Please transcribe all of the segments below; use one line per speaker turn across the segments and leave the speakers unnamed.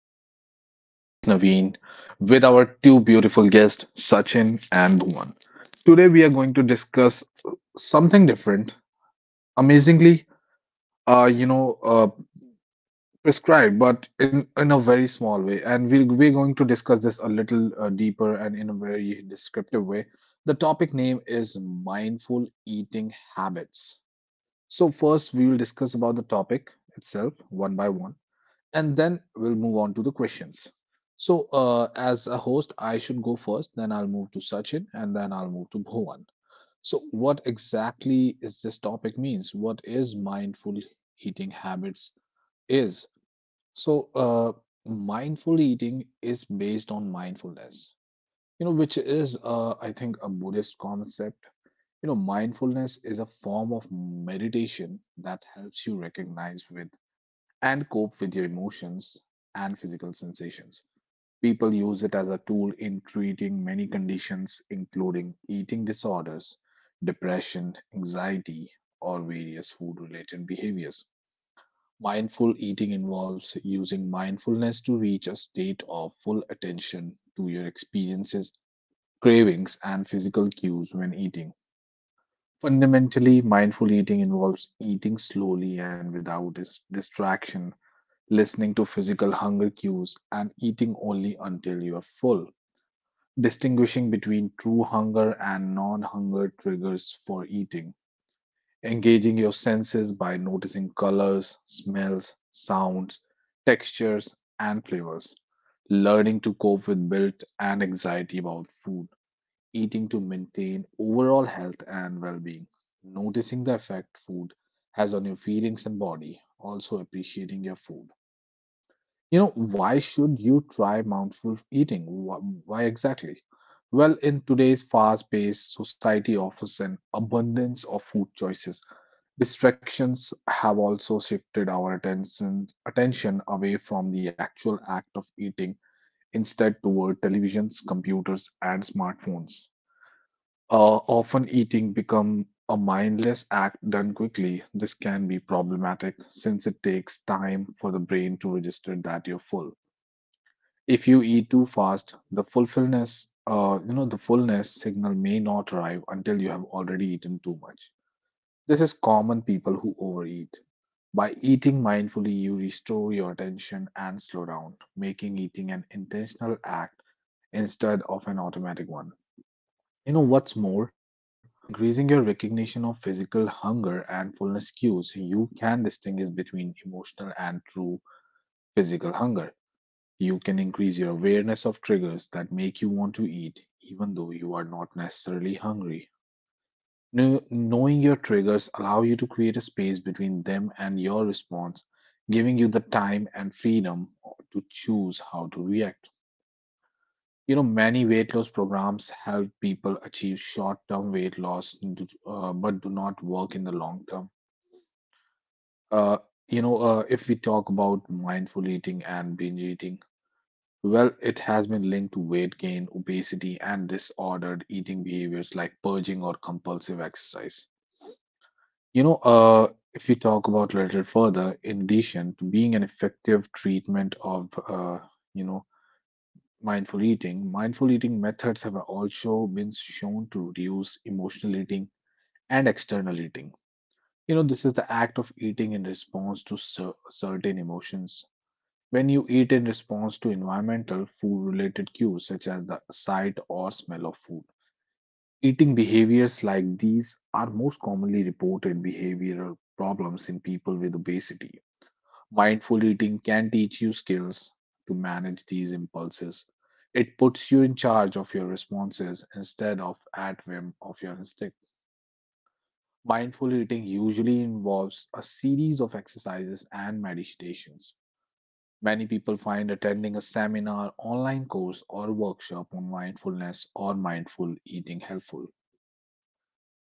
podcast. This is your host, Naveen, with our two beautiful guests, Sachin and Bhuvan. Today, we are going to discuss something different, amazingly, uh, you know, uh, prescribed, but in a very small way. And we're going to discuss this a little deeper and in a very descriptive way. The topic name is Mindful Eating Habits. So, first, we will discuss about the topic itself one by one and then we'll move on to the questions. So, as a host, I should go first, then I'll move to Sachin, and then I'll move to Bhuvan. So, what exactly is this topic means? What is mindful eating habits is? So, mindful eating is based on mindfulness, you know, which is, I think, a Buddhist concept. You know, mindfulness is a form of meditation that helps you recognize with and cope with your emotions and physical sensations. People use it as a tool in treating many conditions, including eating disorders, depression, anxiety, or various food related behaviors. Mindful eating involves using mindfulness to reach a state of full attention to your experiences, cravings, and physical cues when eating. Fundamentally, mindful eating involves eating slowly and without distraction, listening to physical hunger cues, and eating only until you are full. Distinguishing between true hunger and non hunger triggers for eating. Engaging your senses by noticing colors, smells, sounds, textures, and flavors. Learning to cope with guilt and anxiety about food. Eating to maintain overall health and well being. Noticing the effect food has on your feelings and body. Also appreciating your food. You know, why should you try mindful eating? Why exactly? Well, in today's fast paced society offers an abundance of food choices. Distractions have also shifted our attention away from the actual act of eating, instead, toward televisions, computers, and smartphones. Often, eating become a mindless act done quickly. This can be problematic since it takes time for the brain to register that you're full. If you eat too fast, the fullfulness, the fullness signal may not arrive until you have already eaten too much. This is common people who overeat. By eating mindfully, you restore your attention and slow down, making eating an intentional act instead of an automatic one. You know what's more? By increasing your recognition of physical hunger and fullness cues, you can distinguish between emotional and true physical hunger. You can increase your awareness of triggers that make you want to eat, even though you are not necessarily hungry. Kno- Knowing your triggers allow you to create a space between them and your response, giving you the time and freedom to choose how to react. You know, many weight loss programs help people achieve short-term weight loss, but do not work in the long term. Uh, if we talk about mindful eating and binge eating, well, it has been linked to weight gain, obesity, and disordered eating behaviors like purging or compulsive exercise. You know, if we talk about a little further, in addition to being an effective treatment of, you know, mindful eating methods have also been shown to reduce emotional eating and external eating. You know, this is the act of eating in response to certain emotions. When you eat in response to environmental food related cues such as the sight or smell of food, eating behaviors like these are most commonly reported behavioral problems in people with obesity. Mindful eating can teach you skills to manage these impulses. It puts you in charge of your responses instead of at whim of your instinct. Mindful eating usually involves a series of exercises and meditations. Many people find attending a seminar, online course, or workshop on mindfulness or mindful eating helpful.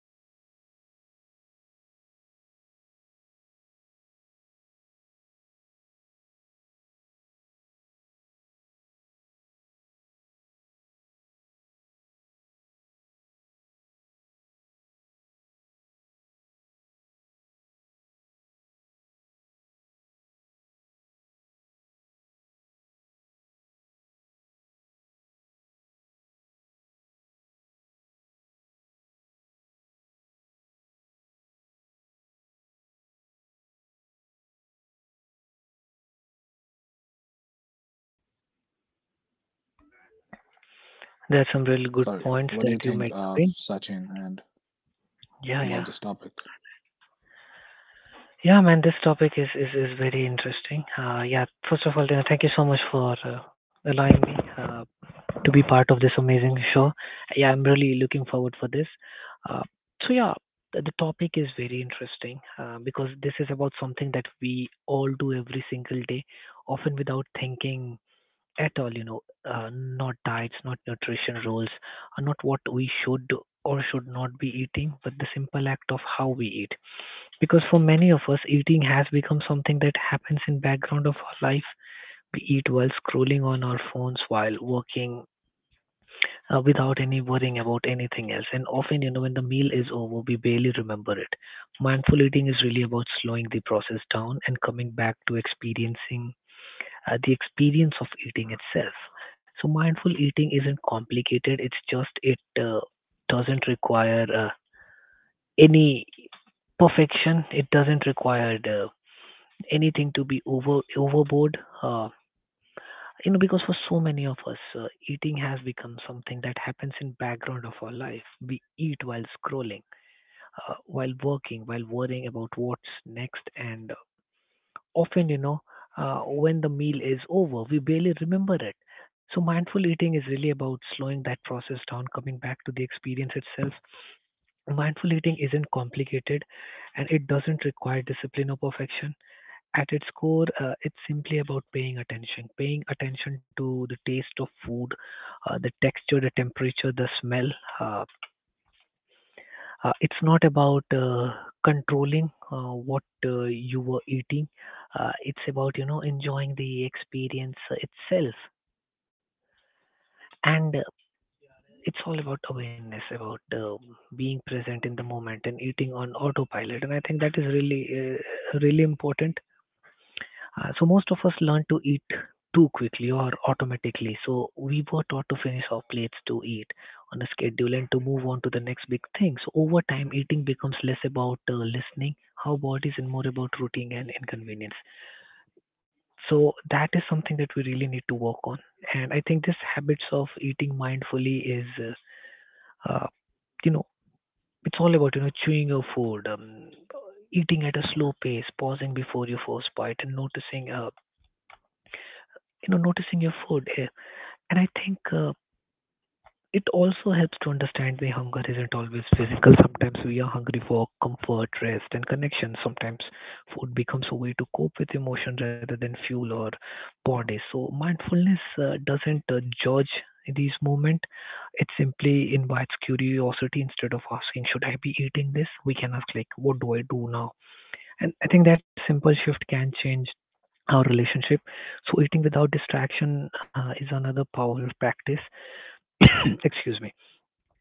You know, but there are many simple ways to get started, you know, the powerful benefits of their own. Eating more slowly and avoiding rushing your meals, chewing thoroughly, eliminating distraction, for example, turning off the TV and putting down your phone, eating in silence, focusing on how the food makes you feel. I think that is from my side. So, what do you think?
There's some really good
Sorry,
points
what do you
that you
think,
made, Naveen.
Sachin, and
Yeah, yeah.
about this topic?
Yeah, man, this topic is very interesting. Yeah, first of all, you thank you so much for allowing me to be part of this amazing show. Yeah, I'm really looking forward for this. Uh, so yeah, the topic is very interesting because this is about something that we all do every single day, often without thinking at all, uh, not diets, not nutrition rules, not what we should or should not be eating, but the simple act of how we eat. Because for many of us, eating has become something that happens in background of our life. We eat while scrolling on our phones, while working, without any worrying about anything else. And often, when the meal is over, we barely remember it. Mindful eating is really about slowing the process down and coming back to experiencing the experience of eating itself. So mindful eating isn't complicated. It's just it doesn't require any perfection. It doesn't require anything to be overboard. Because for so many of us, eating has become something that happens in background of our life. We eat while scrolling, while working, while worrying about what's next, and often, when the meal is over, we barely remember it. So, mindful eating is really about slowing that process down, coming back to the experience itself. Mindful eating isn't complicated and it doesn't require discipline or perfection. At its core, it's simply about paying attention to the taste of food, the texture, the temperature, the smell. Uh, it's not about controlling what you were eating. It's about enjoying the experience itself, and it's all about awareness, about being present in the moment and eating on autopilot. And I think that is really important. So most of us learn to eat too quickly or automatically. So we were taught to finish our plates to eat on a schedule and to move on to the next big thing. So over time, eating becomes less about listening, our bodies, and more about routine and inconvenience. So that is something that we really need to work on. And I think this habits of eating mindfully uh, uh, you know, it's all about chewing your food, eating at a slow pace, pausing before your first bite, and noticing your food. And I think it also helps to understand the hunger isn't always physical. Sometimes we are hungry for comfort, rest, and connection. Sometimes food becomes a way to cope with emotion rather than fuel or body. So mindfulness doesn't judge these moments. It simply invites curiosity instead of asking, should I be eating this? We can ask like, what do I do now? And I think that simple shift can change our relationship. So eating without distraction is another powerful practice. Excuse me.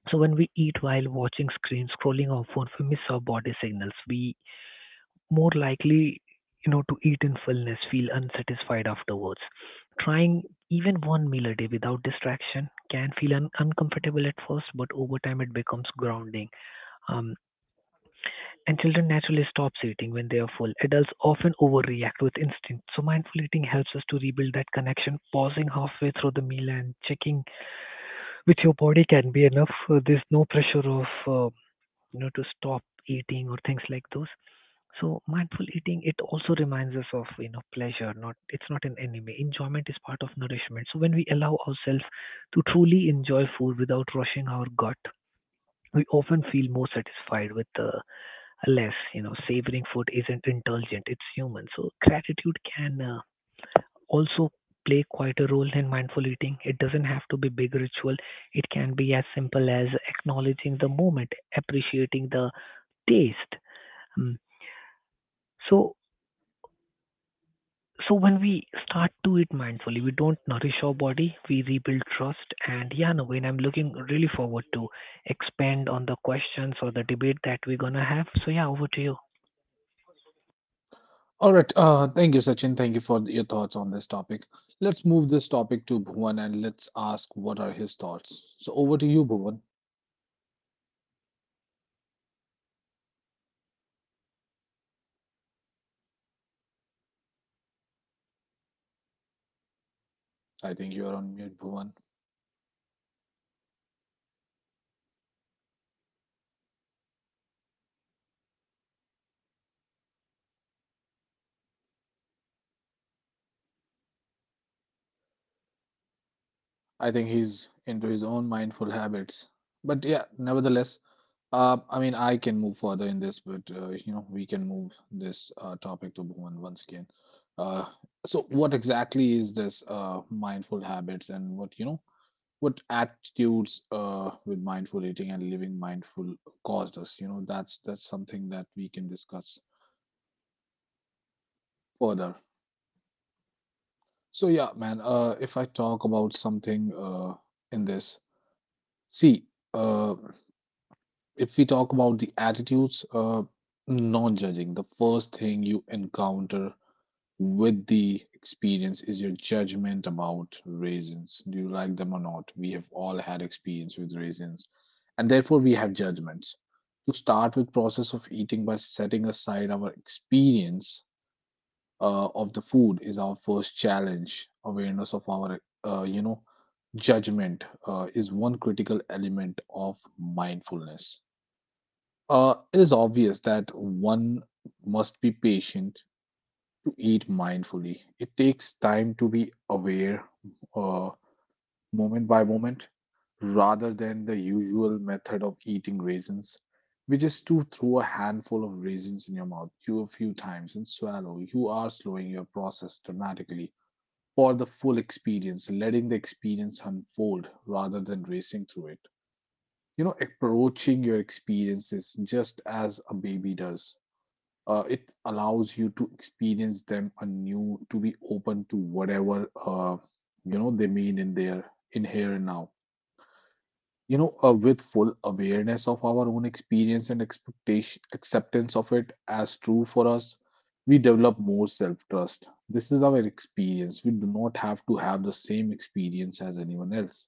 So when we eat while watching screen, scrolling our phone, we miss our body signals. We more likely, to eat in fullness, feel unsatisfied afterwards. Trying even one meal a day without distraction can feel uncomfortable at first, but over time it becomes grounding. Um, And children naturally stop eating when they are full. Adults often overreact with instinct. So mindful eating helps us to rebuild that connection, pausing halfway through the meal and checking with your body can be enough. There's no pressure of to stop eating or things like those. So mindful eating it also reminds us of pleasure. Not It's not an enemy. Enjoyment is part of nourishment. So when we allow ourselves to truly enjoy food without rushing our gut, we often feel more satisfied with the less. Savoring food isn't indulgent; it's human. So gratitude can also play quite a role in mindful eating. It doesn't have to be big ritual. It can be as simple as acknowledging the moment, appreciating the taste. Mm. So so when we start to eat mindfully, we don't nourish our body, we rebuild trust. And yeah, Naveen, I'm looking really forward to expand on the questions or the debate that we're gonna have. So yeah, over to you,
All right. Thank you, Sachin. Thank you for your thoughts on this topic. Let's move this topic to Bhuvan and let's ask what are his thoughts. So, over to you, Bhuvan. I think you are on mute, Bhuvan. I think he's into his own mindful habits. But yeah, nevertheless, I mean, I can move further in this, but you know, we can move this topic to Bhuvan once again. Uh, so, what exactly is this mindful habits, and what you know, what attitudes with mindful eating and living mindful caused us? You know, that's something that we can discuss further. So, yeah, man, if I talk about something in this, see. Uh, If we talk about the attitudes, non judging, the first thing you encounter with the experience is your judgment about raisins. Do you like them or not? We have all had experience with raisins, and therefore we have judgments. To start with process of eating by setting aside our experience of the food is our first challenge. Awareness of our, uh, you know, judgment is one critical element of mindfulness. It is obvious that one must be patient to eat mindfully. It takes time to be aware, uh, moment by moment, rather than the usual method of eating raisins, which is to throw a handful of raisins in your mouth, chew a few times, and swallow. You are slowing your process dramatically for the full experience, letting the experience unfold rather than racing through it. You know, approaching your experiences just as a baby does, it allows you to experience them anew, to be open to whatever you know they mean in their, in here and now, you know, with full awareness of our own experience and expectation acceptance of it as true for us, we develop more self trust. This is our experience. We do not have to have the same experience as anyone else.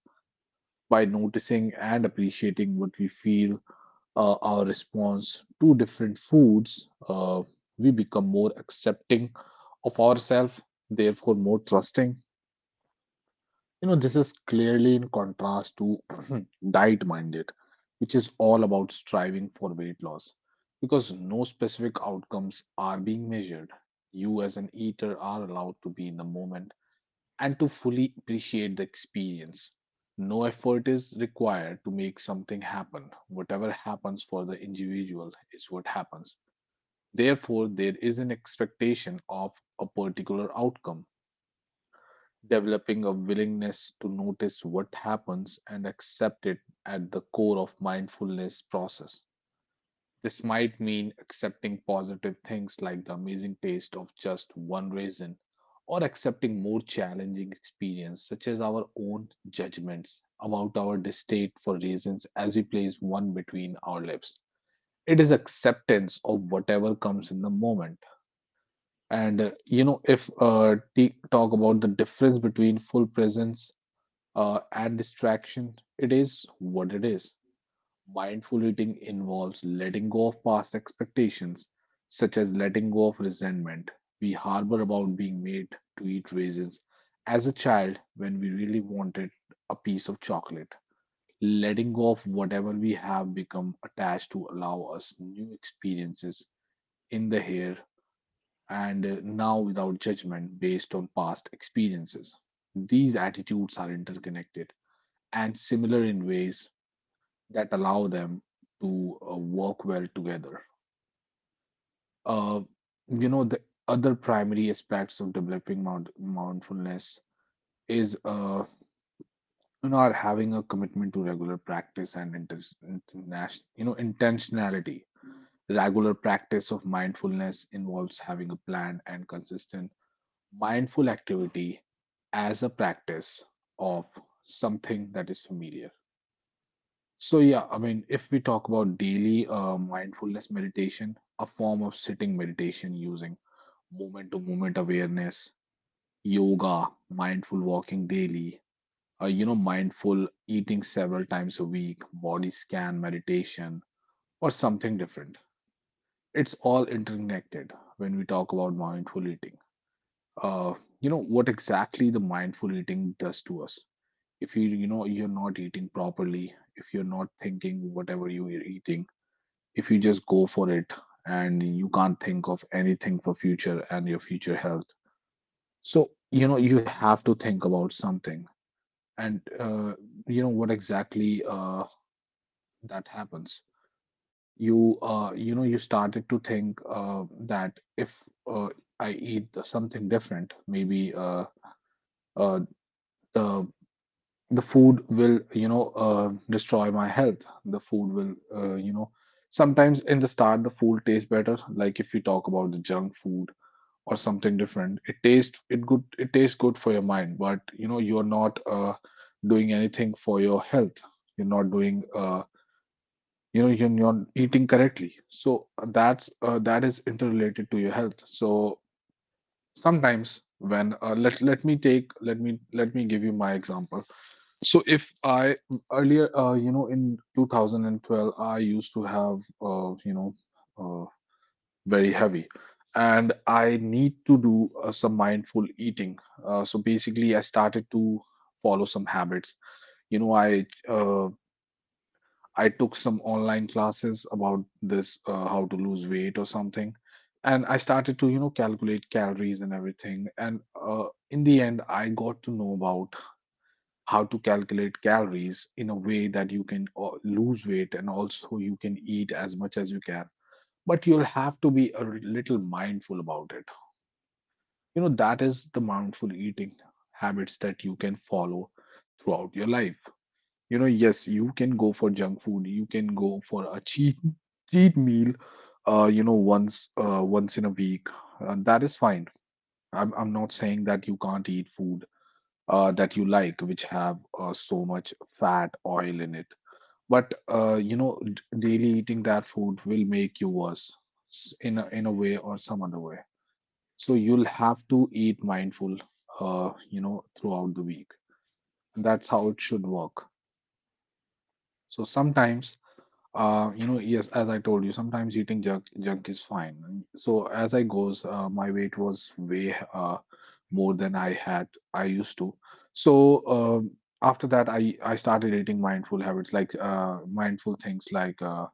By noticing and appreciating what we feel, our response to different foods, we become more accepting of ourselves, therefore more trusting. You know, this is clearly in contrast to diet minded, which is all about striving for weight loss because no specific outcomes are being measured. You, as an eater, are allowed to be in the moment and to fully appreciate the experience. No effort is required to make something happen. Whatever happens for the individual is what happens. Therefore, there is an expectation of a particular outcome. Developing a willingness to notice what happens and accept it at the core of mindfulness process. This might mean accepting positive things like the amazing taste of just one raisin, or accepting more challenging experience such as our own judgments about our distaste for raisins as we place one between our lips. It is acceptance of whatever comes in the moment. And you know, if talk about the difference between full presence and distraction, it is what it is. Mindful eating involves letting go of past expectations, such as letting go of resentment we harbor about being made to eat raisins as a child when we really wanted a piece of chocolate. Letting go of whatever we have become attached to allow us new experiences in the here and now, without judgment based on past experiences. These attitudes are interconnected and similar in ways that allow them to work well together. Uh, you know, the other primary aspects of developing mindfulness is are having a commitment to regular practice and international, you know, intentionality. Regular practice of mindfulness involves having a plan and consistent mindful activity as a practice of something that is familiar. So, yeah, I mean, if we talk about daily mindfulness meditation, a form of sitting meditation using moment to moment awareness, yoga, mindful walking daily, you know, mindful eating several times a week, body scan meditation, or something different. It's all interconnected when we talk about mindful eating. Uh, you know, what exactly the mindful eating does to us. If, you, you're not eating properly, if you're not thinking whatever you're eating, if you just go for it and you can't think of anything for future and your future health, so you know you have to think about something. And You know what exactly that happens. You know you started to think that if uh, I eat something different, maybe uh, the the food will, destroy my health, the food will, uh, you know sometimes in the start the food tastes better, like if you talk about the junk food or something different. It tastes good for your mind, but you know you're not, doing anything for your health. You're not doing, you know, you're not eating correctly. So that is interrelated to your health. So sometimes when let let me take let me give you my example. So if I earlier, you know, in 2012 I used to have, uh, very heavy. And I need to do some mindful eating. So basically, I started to follow some habits. You know, I took some online classes about this, how to lose weight or something, and I started to, you know, calculate calories and everything. And in the end, I got to know about how to calculate calories in a way that you can, lose weight and also you can eat as much as you can, but you'll have to be a little mindful about it. You know, that is the mindful eating habits that you can follow throughout your life. You know, yes, you can go for junk food, you can go for a cheat meal, you know, once in a week. That is fine. I'm not saying that you can't eat food that you like, which have, so much fat, oil in it. But you know, daily eating that food will make you worse, in a way or some other way. So you'll have to eat mindful, you know, throughout the week. And that's how it should work. So sometimes, you know, yes, as I told you, sometimes eating junk is fine. And So as I goes, my weight was way, more than I used to. So after that, I started eating mindful habits, like mindful things like. Uh,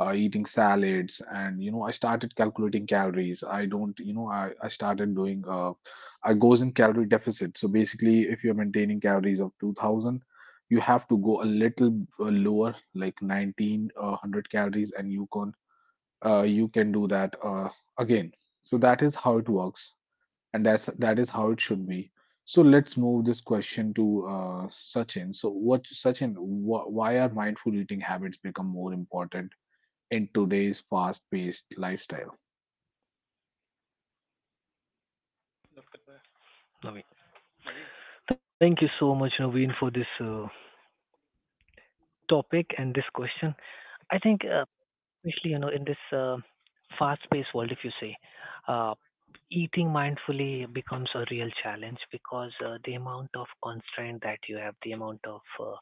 uh, Eating salads, and you know I started calculating calories. I don't you know I started doing, I goes in calorie deficit. So basically, if you're maintaining calories of 2000, you have to go a little, lower, like 1900 calories, and you can, you can do that, again. So that is how it works, and that is how it should be. So let's move this question to Sachin. So, what Sachin? Why are mindful eating habits become more important in today's fast-paced lifestyle.
Naveen. Thank you so much, Naveen, for this topic and this question. I think, especially in this fast-paced world, if you say, uh, eating mindfully becomes a real challenge because the amount of constraint that you have, the amount of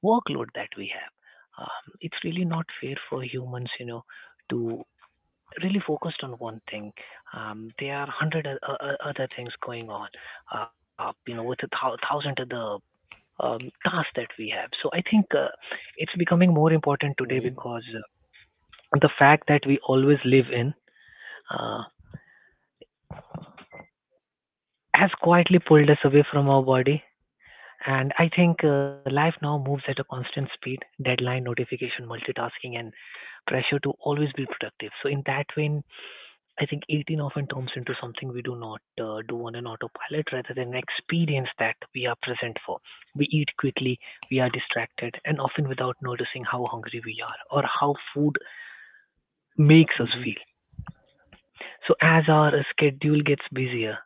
workload that we have, it's really not fair for humans, to really focus on one thing. There are 100 other things going on, with a thousand other tasks that we have. So I think it's becoming more important today
Naveen.
because the fact that we always live in uh, has quietly pulled us away from our body. And I think life now moves at a constant speed, deadline, notification, multitasking, and pressure to always be productive. So in that vein, I think 18 often turns into something we do not do on an autopilot rather than an experience that we are present for. We eat quickly, we are distracted, and often without noticing how hungry we are or how food
Hmm.
makes us feel. So, as our schedule gets busier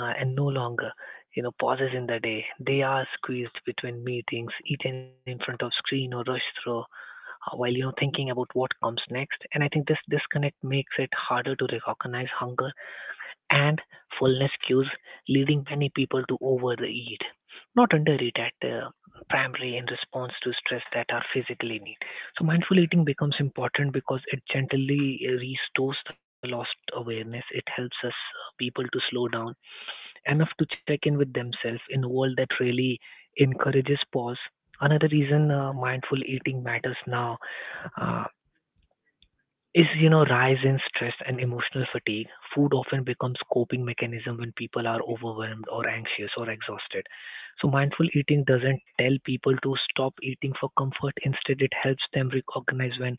uh, and no longer pauses in the day, they are squeezed between meetings eaten in front of screen or rushed through while thinking about what comes next. And I think this disconnect makes it harder to recognize hunger and fullness cues, leading many people to overeat, not undereat at primary in response to stress that are physically need. So mindful eating becomes important because it gently restores the lost awareness. It helps us people to slow down enough to check in with themselves in a world that really encourages pause. Another reason mindful eating matters now. Uh, is rise in stress and emotional fatigue. Food often becomes coping mechanism when people are overwhelmed or anxious or exhausted. So mindful eating doesn't tell people to stop eating for comfort; instead it helps them recognize when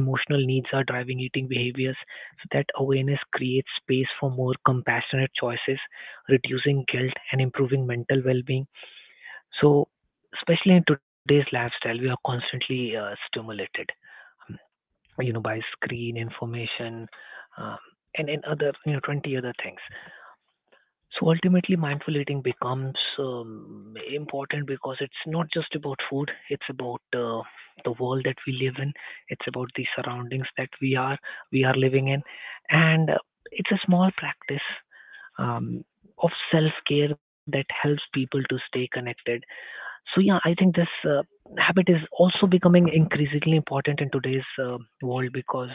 emotional needs are driving eating behaviors, so that awareness creates space for more compassionate choices, reducing guilt and improving mental well-being. So especially in today's lifestyle, we are constantly stimulated, by screen information, um, and other 20 other things. So ultimately, mindful eating becomes important because it's not just about food; it's about the world that we live in. It's about the surroundings that we are living in, and it's a small practice um, of self care that helps people to stay connected. So yeah, I think this habit is also becoming increasingly important in today's world because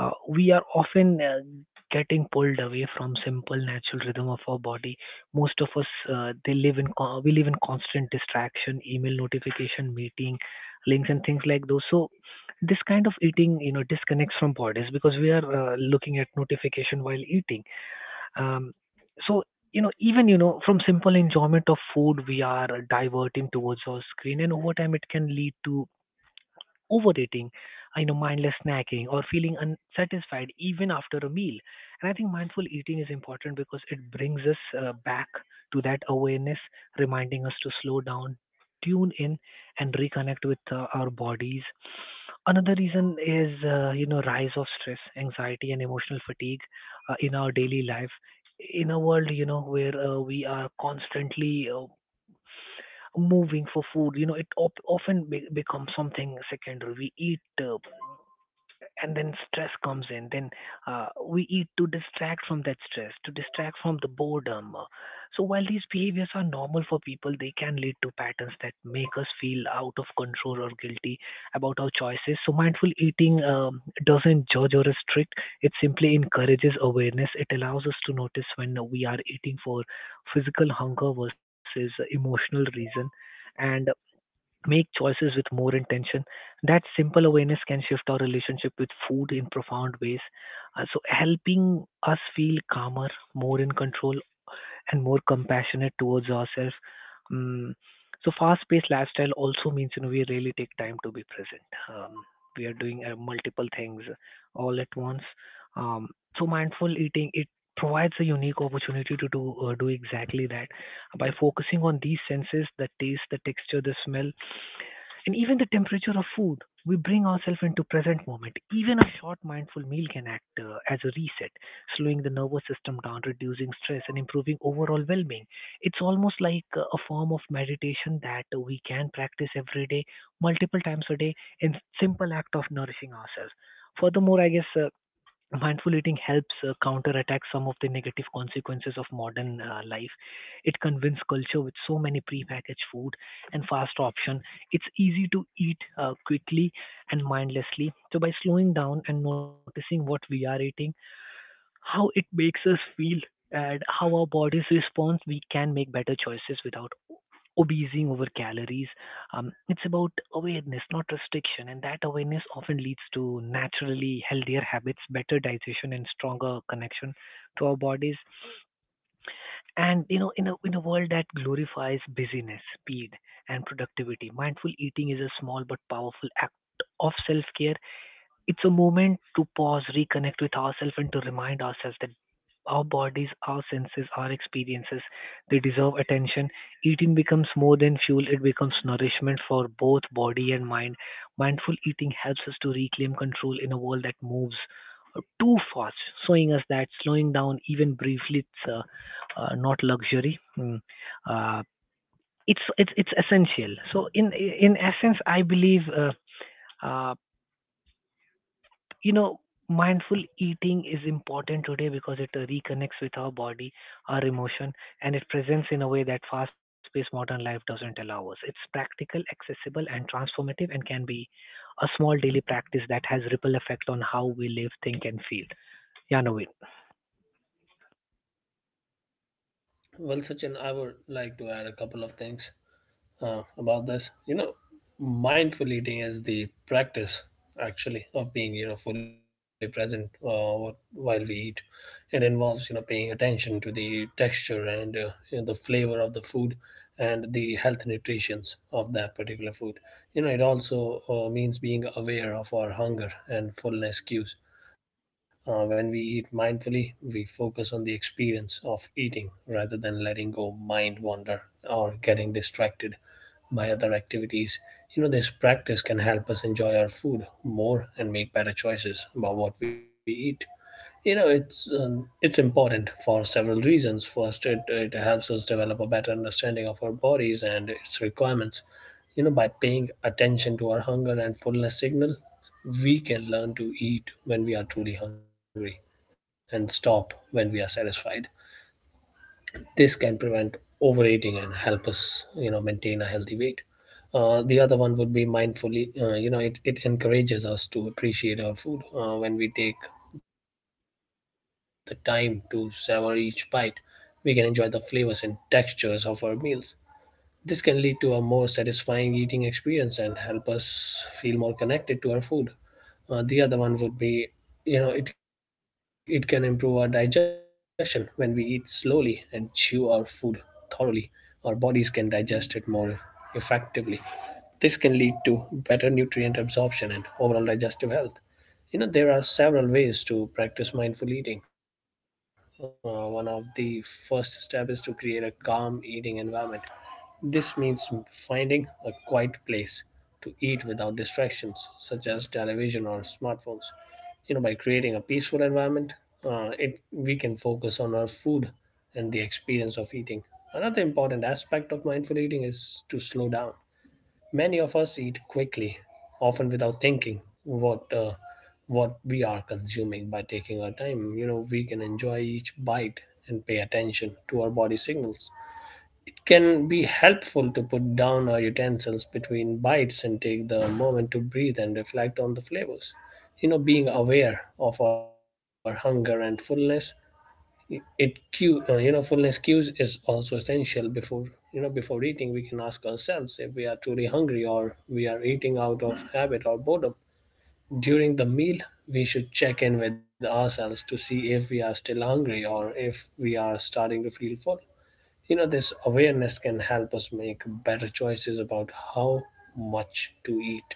we are often getting pulled away from simple natural rhythm of our body. Most of us they live in co- we live in constant distraction, email notification, meeting links, and things like those. So this kind of eating disconnects from bodies because we are looking at notification while eating, um, so even, from simple enjoyment of food, we are diverting towards our screen, and over time, it can lead to overeating, mindless snacking, or feeling unsatisfied even after a meal. And I think mindful eating is important because it brings us back to that awareness, reminding us to slow down, tune in, and reconnect with our bodies. Another reason is rise of stress, anxiety, and emotional fatigue in our daily life. In a world where we are constantly moving for food, it often becomes something secondary. We eat, and then stress comes in. Then we eat to distract from that stress, to distract from the boredom. So while these behaviors are normal for people, they can lead to patterns that make us feel out of control or guilty about our choices. So mindful eating doesn't judge or restrict; it simply encourages awareness. It allows us to notice when we are eating for physical hunger versus emotional reason, and make choices with more intention. That simple awareness can shift our relationship with food in profound ways. So, helping us feel calmer, more in control, and more compassionate towards ourselves. Um, so fast-paced lifestyle also means we really take time to be present. Um, we are doing multiple things all at once. Um, so mindful eating it provides a unique opportunity to do exactly that by focusing on these senses: the taste, the texture, the smell, and even the temperature of food. We bring ourselves into present moment. Even a short mindful meal can act as a reset, slowing the nervous system down, reducing stress, and improving overall well being. It's almost like a form of meditation that we can practice every day, multiple times a day, in simple act of nourishing ourselves. Furthermore, I guess. Mindful eating helps counterattack some of the negative consequences of modern life. It convinces culture with so many prepackaged food and fast option. It's easy to eat quickly and mindlessly. So by slowing down and noticing what we are eating, how it makes us feel and how our bodies respond, we can make better choices without obsessing over calories. It's about awareness, not restriction, and that awareness often leads to naturally healthier habits, better digestion, and stronger connection to our bodies. And in a world that glorifies busyness, speed, and productivity, mindful eating is a small but powerful act of self-care. It's a moment to pause, reconnect with ourselves, and to remind ourselves that our bodies, our senses, our experiences, they deserve attention. Eating becomes more than fuel, it becomes nourishment for both body and mind. Mindful eating helps us to reclaim control in a world that moves too fast, showing us that slowing down, even briefly, it's not luxury. Mm. Uh, it's essential. So in essence, I believe uh, you know mindful eating is important today because it reconnects with our body, our emotion, and it presents in a way that fast paced modern life doesn't allow us. It's practical, accessible, and transformative, and can be a small daily practice that has ripple effect on how we live, think, and feel. Yeah, Naveen.
Well, Sachin, I would like to add a couple of things about this. Mindful eating is the practice actually of being fully present while we eat. It involves paying attention to the texture and the flavor of the food and the health nutritions of that particular food. You know, it also means being aware of our hunger and fullness cues. When we eat mindfully, we focus on the experience of eating rather than letting go mind wander or getting distracted by other activities. You know, this practice can help us enjoy our food more and make better choices about what we eat. It's it's important for several reasons. First it helps us develop a better understanding of our bodies and its requirements. By paying attention to our hunger and fullness signal, we can learn to eat when we are truly hungry and stop when we are satisfied. This can prevent overeating and help us maintain a healthy weight. The other one would be mindfully, it encourages us to appreciate our food. When we take the time to savor each bite, we can enjoy the flavors and textures of our meals. This can lead to a more satisfying eating experience and help us feel more connected to our food. The other one would be, you know, it can improve our digestion. When we eat slowly and chew our food thoroughly, our bodies can digest it more effectively. This can lead to better nutrient absorption and overall digestive health. You know, there are several ways to practice mindful eating. One of the first step is to create a calm eating environment. This means finding a quiet place to eat without distractions, such as television or smartphones. You know, by creating a peaceful environment, it we can focus on our food and the experience of eating. Another important aspect of mindful eating is to slow down. Many of us eat quickly, often without thinking what uh, what we are consuming. By taking our time, you know, we can enjoy each bite and pay attention to our body signals. It can be helpful to put down our utensils between bites and take the moment to breathe and reflect on the flavors. You know, being aware of our hunger and fullness, it cue you know fullness cues is also essential. Before before eating, we can ask ourselves if we are truly hungry or we are eating out of habit or boredom. During the meal, we should check in with ourselves to see if we are still hungry or if we are starting to feel full. This awareness can help us make better choices about how much to eat.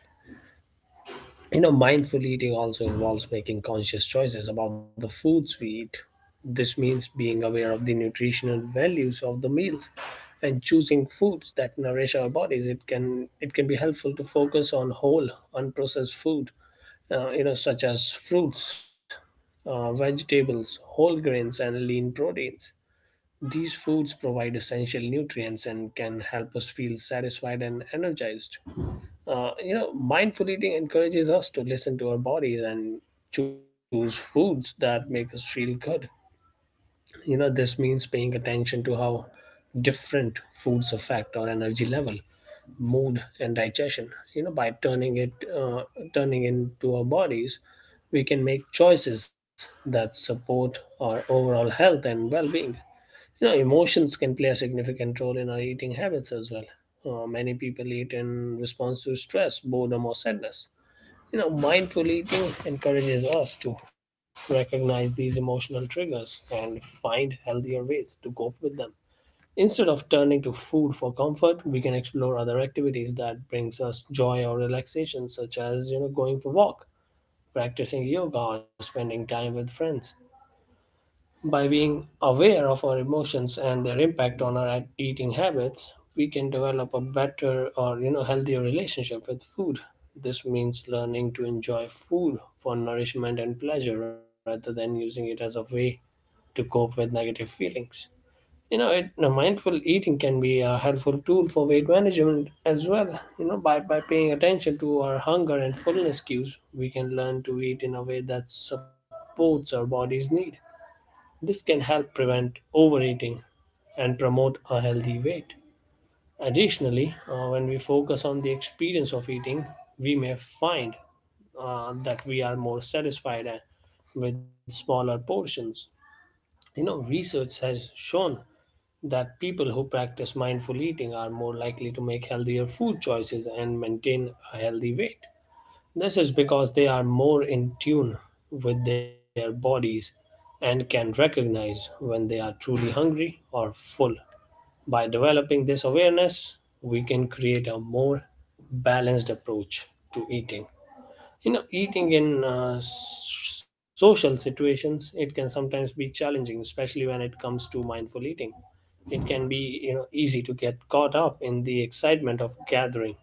Mindful eating also involves making conscious choices about the foods we eat. This means being aware of the nutritional values of the meals and choosing foods that nourish our bodies. It can be helpful to focus on whole, unprocessed food, such as fruits, vegetables, whole grains, and lean proteins. These foods provide essential nutrients and can help us feel satisfied and energized. Mindful eating encourages us to listen to our bodies and choose foods that make us feel good. You know, this means paying attention to how different foods affect our energy level, mood, and digestion. You know, uh, turning into our bodies, we can make choices that support our overall health and well-being. You know, emotions can play a significant role in our eating habits as well. Many people eat in response to stress, boredom, or sadness. You know, mindful eating encourages us to recognize these emotional triggers and find healthier ways to cope with them. Instead of turning to food for comfort, we can explore other activities that brings us joy or relaxation, such as going for walk, practicing yoga, or spending time with friends. By being aware of our emotions and their impact on our eating habits, we can develop a better or healthier relationship with food. This means learning to enjoy food for nourishment and pleasure rather than using it as a way to cope with negative feelings. Mindful eating can be a helpful tool for weight management as well. You know, by paying attention to our hunger and fullness cues, we can learn to eat in a way that supports our body's need. This can help prevent overeating and promote a healthy weight. Additionally, when we focus on the experience of eating, we may find that we are more satisfied with smaller portions. You know, research has shown that people who practice mindful eating are more likely to make healthier food choices and maintain a healthy weight. This is because they are more in tune with their bodies and can recognize when they are truly hungry or full. By developing this awareness, we can create a more balanced approach to eating. You know, eating in social situations, it can sometimes be challenging, especially when it comes to mindful eating. It can be, you know, easy to get caught up in the excitement of gathering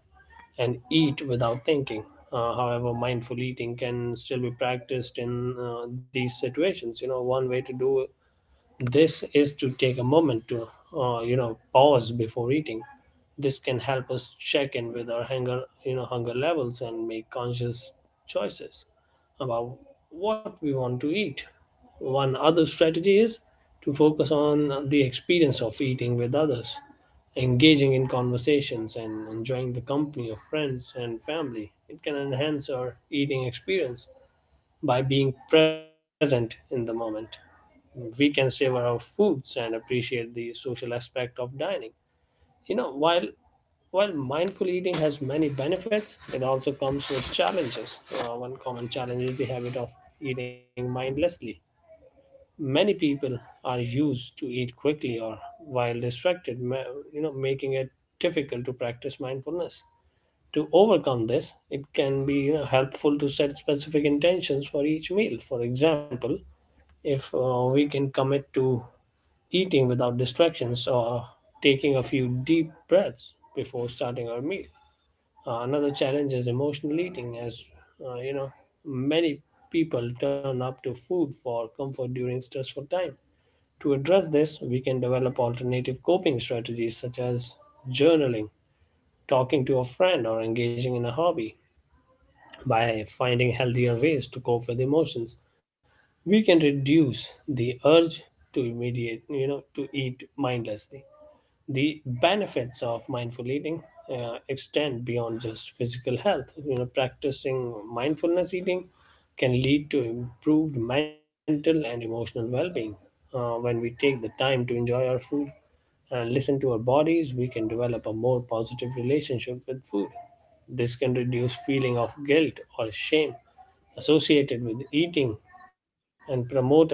and eat without thinking. However, mindful eating can still be practiced in these situations. You know, one way to do this is to take a moment to pause before eating. This can help us check in with our hunger, hunger levels, and make conscious choices about what we want to eat. One other strategy is to focus on the experience of eating with others. Engaging in conversations and enjoying the company of friends and family, it can enhance our eating experience. By being present in the moment, we can savor our foods and appreciate the social aspect of dining. You know, while mindful eating has many benefits, it also comes with challenges. One common challenge is the habit of eating mindlessly. Many people are used to eat quickly or while distracted, making it difficult to practice mindfulness. To overcome this, it can be, helpful to set specific intentions for each meal. For example, if we can commit to eating without distractions or taking a few deep breaths before starting our meal. Another challenge is emotional eating, as uh, you know, many people turn up to food for comfort during stressful time. To address this, we can develop alternative coping strategies such as journaling, talking to a friend, or engaging in a hobby. By finding healthier ways to cope with emotions, we can reduce the urge to to eat mindlessly. The benefits of mindful eating extend beyond just physical health. Practicing mindfulness eating can lead to improved mental and emotional well-being. When we take the time to enjoy our food and listen to our bodies, we can develop a more positive relationship with food. This can reduce feeling of guilt or shame associated with eating and promote a sense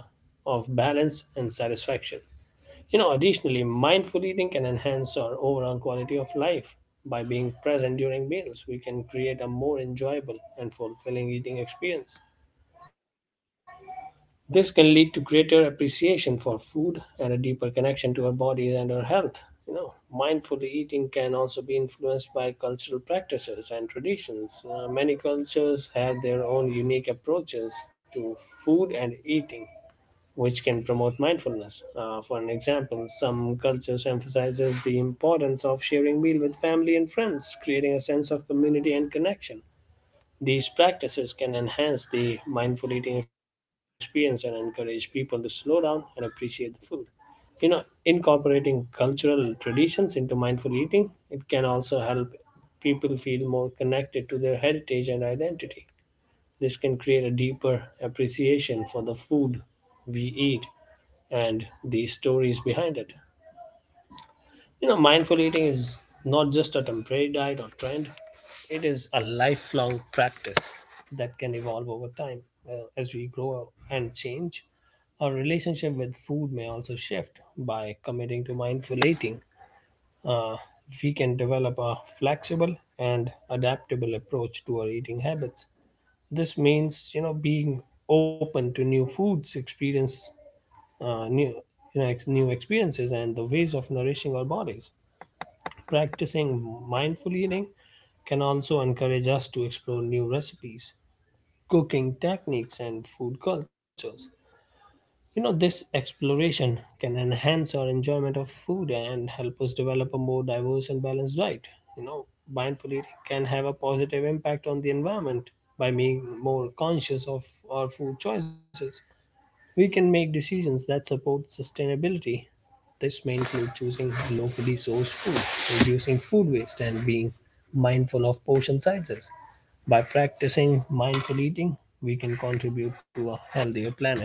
of balance and satisfaction. Additionally, mindful eating can enhance our overall quality of life. By being present during meals, we can create a more enjoyable and fulfilling eating experience. This can lead to greater appreciation for food and a deeper connection to our bodies and our health. You know, mindful eating can also be influenced by cultural practices and traditions. Many cultures have their own unique approaches to food and eating, which can promote mindfulness. For an example, some cultures emphasizes the importance of sharing meal with family and friends, creating a sense of community and connection. These practices can enhance the mindful eating experience and encourage people to slow down and appreciate the food. You know, incorporating cultural traditions into mindful eating, it can also help people feel more connected to their heritage and identity. This can create a deeper appreciation for the food we eat and the stories behind it. You know, mindful eating is not just a temporary diet or trend, it is a lifelong practice that can evolve over time. As we grow and change, our relationship with food may also shift. By committing to mindful eating, uh, we can develop a flexible and adaptable approach to our eating habits. This means, you know, being open to new foods, experience, new you know, ex- new experiences and the ways of nourishing our bodies. Practicing mindful eating can also encourage us to explore new recipes, cooking techniques, and food cultures. You know, this exploration can enhance our enjoyment of food and help us develop a more diverse and balanced diet. You know, mindful eating can have a positive impact on the environment. By being more conscious of our food choices, we can make decisions that support sustainability. This may include choosing locally sourced food, reducing food waste, and being mindful of portion sizes. By practicing mindful eating, we can contribute to a healthier planet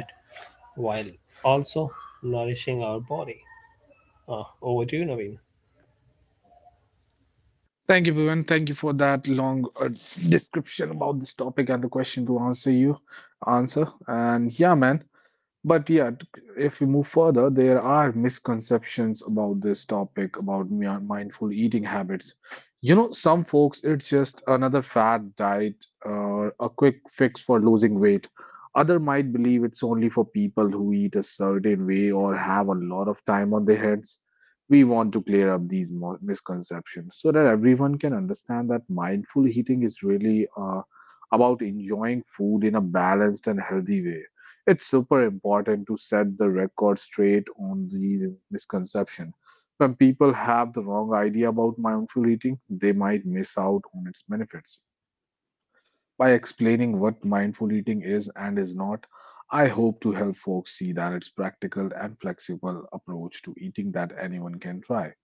while also nourishing our body. Over to you, Naveen.
Thank you, Bhuvan. Thank you for that long, description about this topic and the question to answer. And yeah, man. But yeah, if we move further, there are misconceptions about this topic about mindful eating habits. You know, some folks, it's just another fad diet or a quick fix for losing weight. Other might believe it's only for people who eat a certain way or have a lot of time on their hands. We want to clear up these misconceptions so that everyone can understand that mindful eating is really, about enjoying food in a balanced and healthy way. It's super important to set the record straight on these misconceptions. When people have the wrong idea about mindful eating, they might miss out on its benefits. By explaining what mindful eating is and is not, I hope to help folks see that it's practical and flexible approach to eating that anyone can try.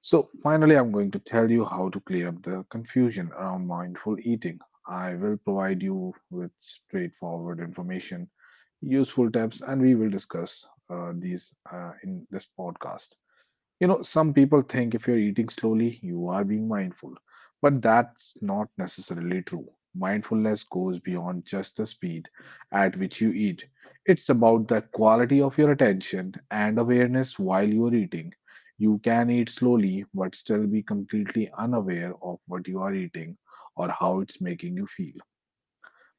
So finally, I'm going to tell you how to clear up the confusion around mindful eating. I will provide you with straightforward information, useful tips, and we will discuss, these in this podcast. You know, some people think if you're eating slowly, you are being mindful, but that's not necessarily true. Mindfulness goes beyond just the speed at which you eat, it's about the quality of your attention and awareness while you are eating. You can eat slowly, but still be completely unaware of what you are eating or how it's making you feel.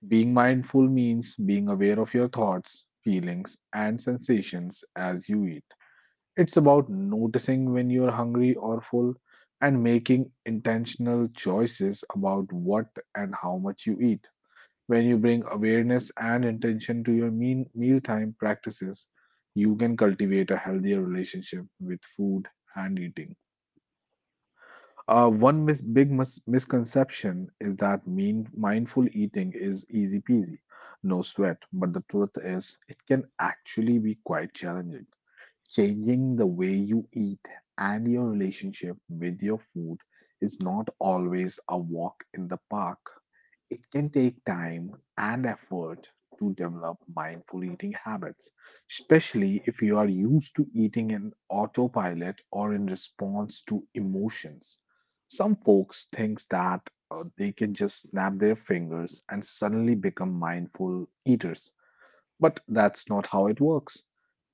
Being mindful means being aware of your thoughts, feelings, and sensations as you eat. It's about noticing when you're hungry or full and making intentional choices about what and how much you eat. When you bring awareness and intention to your mean mealtime practices, you can cultivate a healthier relationship with food and eating. One big misconception is that mindful eating is easy peasy, no sweat. But the truth is, it can actually be quite challenging. Changing the way you eat and your relationship with your food is not always a walk in the park. It can take time and effort to develop mindful eating habits, especially if you are used to eating in autopilot or in response to emotions. Some folks think that they can just snap their fingers and suddenly become mindful eaters, but that's not how it works.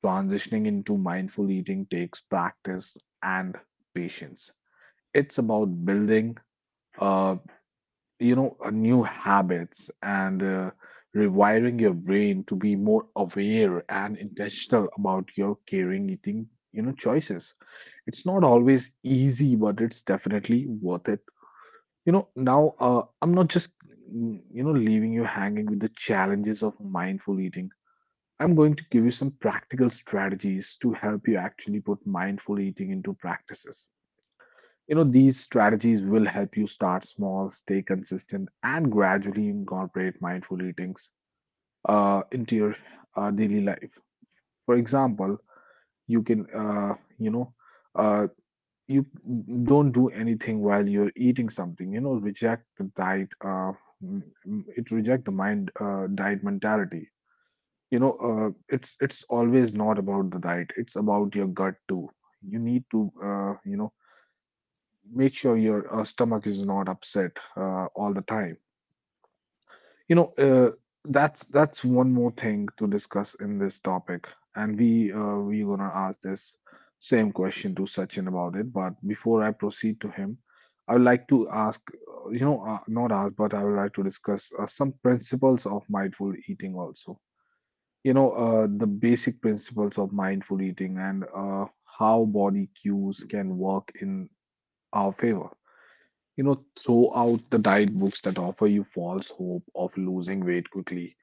Transitioning into mindful eating takes practice and patience. It's about building a, new habits and, rewiring your brain to be more aware and intentional about your caring eating, you know, choices. It's not always easy, but it's definitely worth it. You know, now, I'm not just, you know, leaving you hanging with the challenges of mindful eating. I'm going to give you some practical strategies to help you actually put mindful eating into practices. You know, these strategies will help you start small, stay consistent, and gradually incorporate mindful eatings, into your, daily life. For example, you can, uh, you know, uh, you don't do anything while you're eating something. You know, reject the diet. M- m- it Reject the mind diet mentality. You know, it's always not about the diet. It's about your gut too. You need to, you know, make sure your, stomach is not upset, all the time. you know uh, that's one more thing to discuss in this topic, and we're gonna ask this same question to Sachin about it. But before I proceed to him, I would like to ask, not ask, but I would like to discuss, some principles of mindful eating also. You know, the basic principles of mindful eating and, how body cues can work in our favor. You know, throw out the diet books that offer you false hope of losing weight quickly,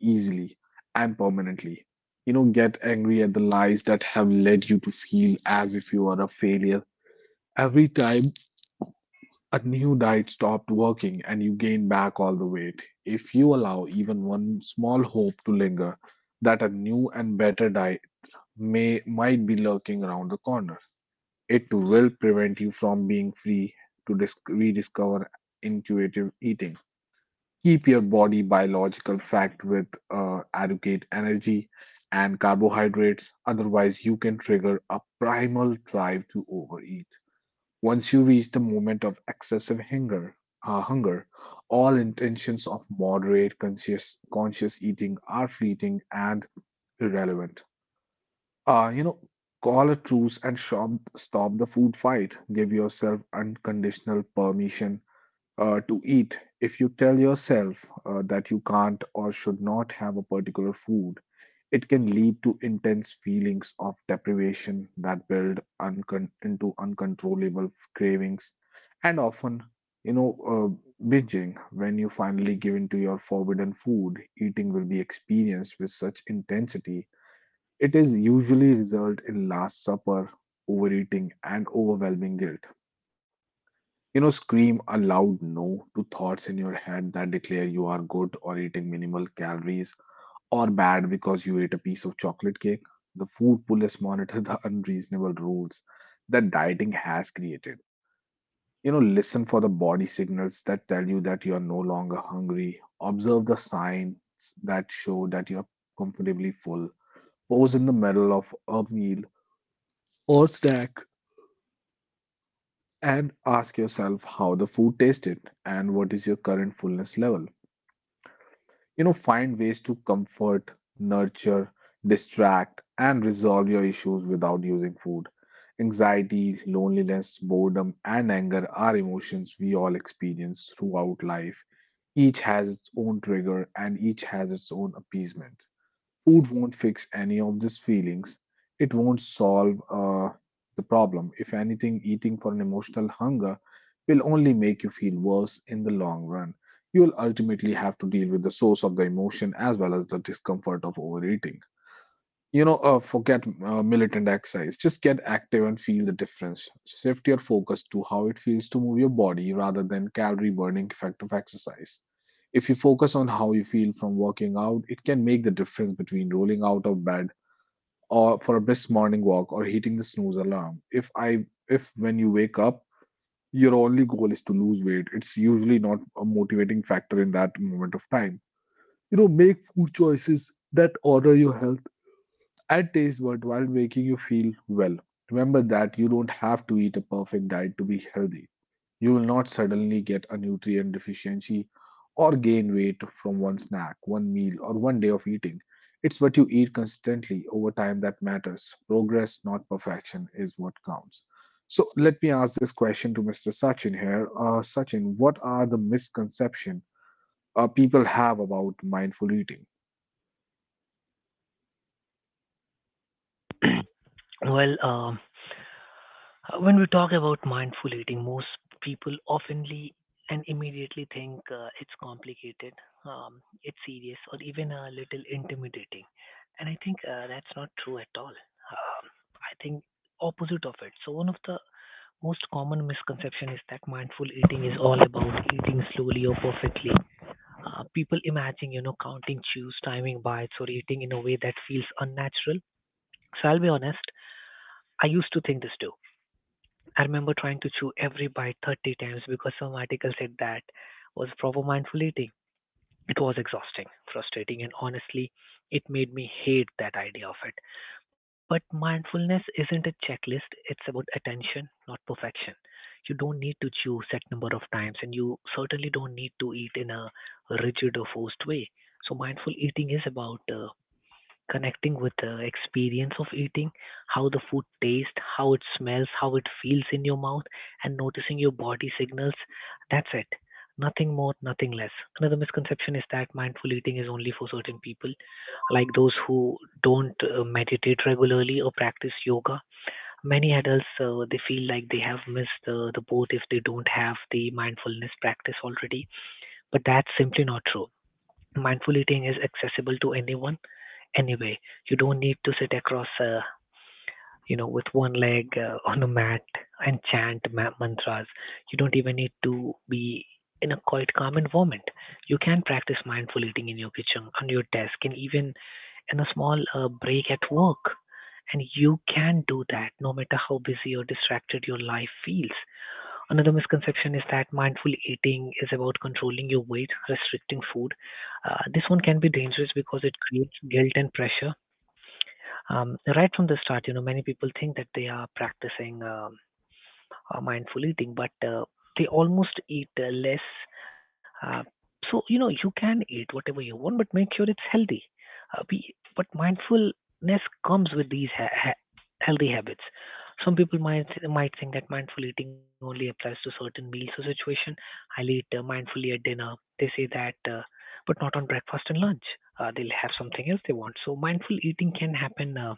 easily, and permanently. You know, get angry at the lies that have led you to feel as if you are a failure. Every time a new diet stopped working and you gain back all the weight, if you allow even one small hope to linger that a new and better diet may might be lurking around the corner, it will prevent you from being free to rediscover intuitive eating. Keep your body biological fact with, adequate energy and carbohydrates, otherwise, you can trigger a primal drive to overeat. Once you reach the moment of excessive hunger, uh, hunger, all intentions of moderate conscious eating are fleeting and irrelevant. You know, call a truce and stop the food fight. Give yourself unconditional permission, to eat. If you tell yourself, that you can't or should not have a particular food, it can lead to intense feelings of deprivation that build into uncontrollable cravings, and often, you know, binging. When you finally give in to your forbidden food, eating will be experienced with such intensity. It is usually result in last supper, overeating, and overwhelming guilt. You know, scream a loud no to thoughts in your head that declare you are good or eating minimal calories, or bad because you ate a piece of chocolate cake. The food police monitor the unreasonable rules that dieting has created. You know, listen for the body signals that tell you that you are no longer hungry. Observe the signs that show that you are comfortably full. Pose in the middle of a meal or snack and ask yourself how the food tasted and what is your current fullness level. You know, find ways to comfort, nurture, distract, and resolve your issues without using food. Anxiety, loneliness, boredom, and anger are emotions we all experience throughout life. Each has its own trigger and each has its own appeasement. Food won't fix any of these feelings. It won't solve, the problem. If anything, eating for an emotional hunger will only make you feel worse in the long run. You'll ultimately have to deal with the source of the emotion as well as the discomfort of overeating. You know, forget, militant exercise. Just get active and feel the difference. Shift your focus to how it feels to move your body rather than calorie burning effect of exercise. If you focus on how you feel from working out, it can make the difference between rolling out of bed or for a brisk morning walk or hitting the snooze alarm. If when you wake up, your only goal is to lose weight, it's usually not a motivating factor in that moment of time. You know, make food choices that honor your health, it tastes worthwhile, making you feel well. Remember that you don't have to eat a perfect diet to be healthy. You will not suddenly get a nutrient deficiency or gain weight from one snack, one meal, or one day of eating. It's what you eat consistently over time that matters. Progress, not perfection, is what counts. So let me ask this question to Mr. Sachin here. Sachin, what are the misconceptions people have about mindful eating?
Well, when we talk about mindful eating, most people oftenly and immediately think it's complicated, um, it's serious, or even a little intimidating. And I think that's not true at all. Um, I think opposite of it. So one of the most common misconception is that mindful eating is all about eating slowly or perfectly. People imagine, you know, counting chews, timing bites, or eating in a way that feels unnatural. So I'll be honest, I used to think this too. I remember trying to chew every bite 30 times because some article said that was proper mindful eating. It was exhausting, frustrating, and honestly, it made me hate that idea of it. But mindfulness isn't a checklist, it's about attention, not perfection. You don't need to chew set number of times, and you certainly don't need to eat in a rigid or forced way. So mindful eating is about connecting with the experience of eating, how the food tastes, how it smells, how it feels in your mouth, and noticing your body signals. That's it. Nothing more, nothing less. Another misconception is that mindful eating is only for certain people, like those who don't meditate regularly or practice yoga. Many adults they feel like they have missed the boat if they don't have the mindfulness practice already, but that's simply not true. Mindful eating is accessible to anyone anyway. You don't need to sit across, you know, with one leg on a mat and chant mantras. You don't even need to be in a quite calm environment. You can practice mindful eating in your kitchen, on your desk, and even in a small break at work. And you can do that no matter how busy or distracted your life feels. Another misconception is that mindful eating is about controlling your weight, restricting food. This one can be dangerous because it creates guilt and pressure right from the start. You know, many people think that they are practicing mindful eating, but they almost eat less. Uh, so you know, you can eat whatever you want, but make sure it's healthy. Uh, be, but mindfulness comes with these healthy habits. Some people might think that mindful eating only applies to certain meals or situation. I'll eat mindfully at dinner. They say that, but not on breakfast and lunch. They'll have something else they want. So mindful eating can happen.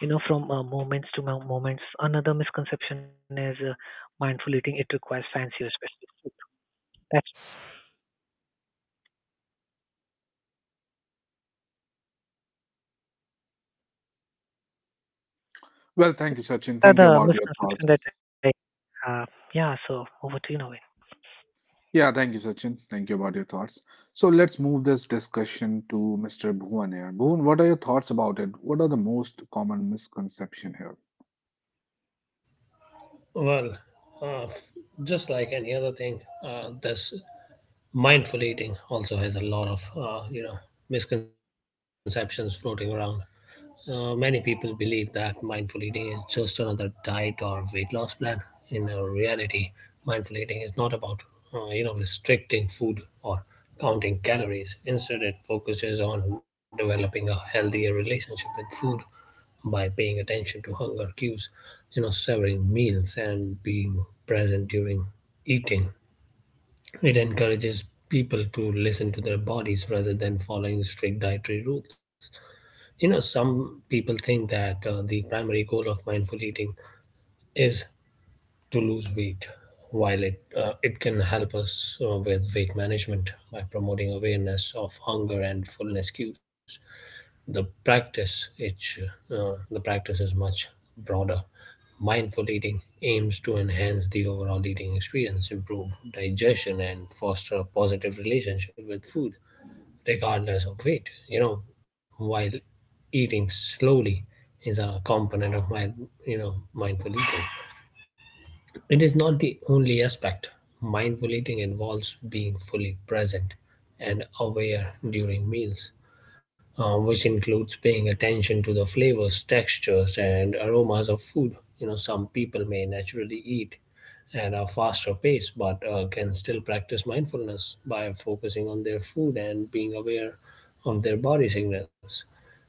You know, from moments to moments. Another misconception is mindful eating. It requires fancy or special food. That's
Well, thank you, Sachin. Thank you
another
about your thoughts.
misconception that I have. Yeah. So over to you, Naveen.
Yeah, thank you, Sachin. Thank you about your thoughts. So let's move this discussion to Mr. Bhuvan here. Bhuvan, what are your thoughts about it? What are the most common misconception here?
Well, uh, f- just like any other thing, this mindful eating also has a lot of misconceptions floating around. Many people believe that mindful eating is just another diet or weight loss plan. In reality, mindful eating is not about restricting food or counting calories. Instead, it focuses on developing a healthier relationship with food by paying attention to hunger cues, you know, severing meals and being present during eating. It encourages people to listen to their bodies rather than following strict dietary rules. You know, some people think that the primary goal of mindful eating is to lose weight, while it can help us with weight management by promoting awareness of hunger and fullness cues. The practice it the practice is much broader. Mindful eating aims to enhance the overall eating experience, improve digestion, and foster a positive relationship with food, regardless of weight. You know, while eating slowly is a component of my you know mindful eating, it is not the only aspect. Mindful eating involves being fully present and aware during meals, which includes paying attention to the flavors, textures, and aromas of food. You know, some people may naturally eat at a faster pace but can still practice mindfulness by focusing on their food and being aware of their body signals.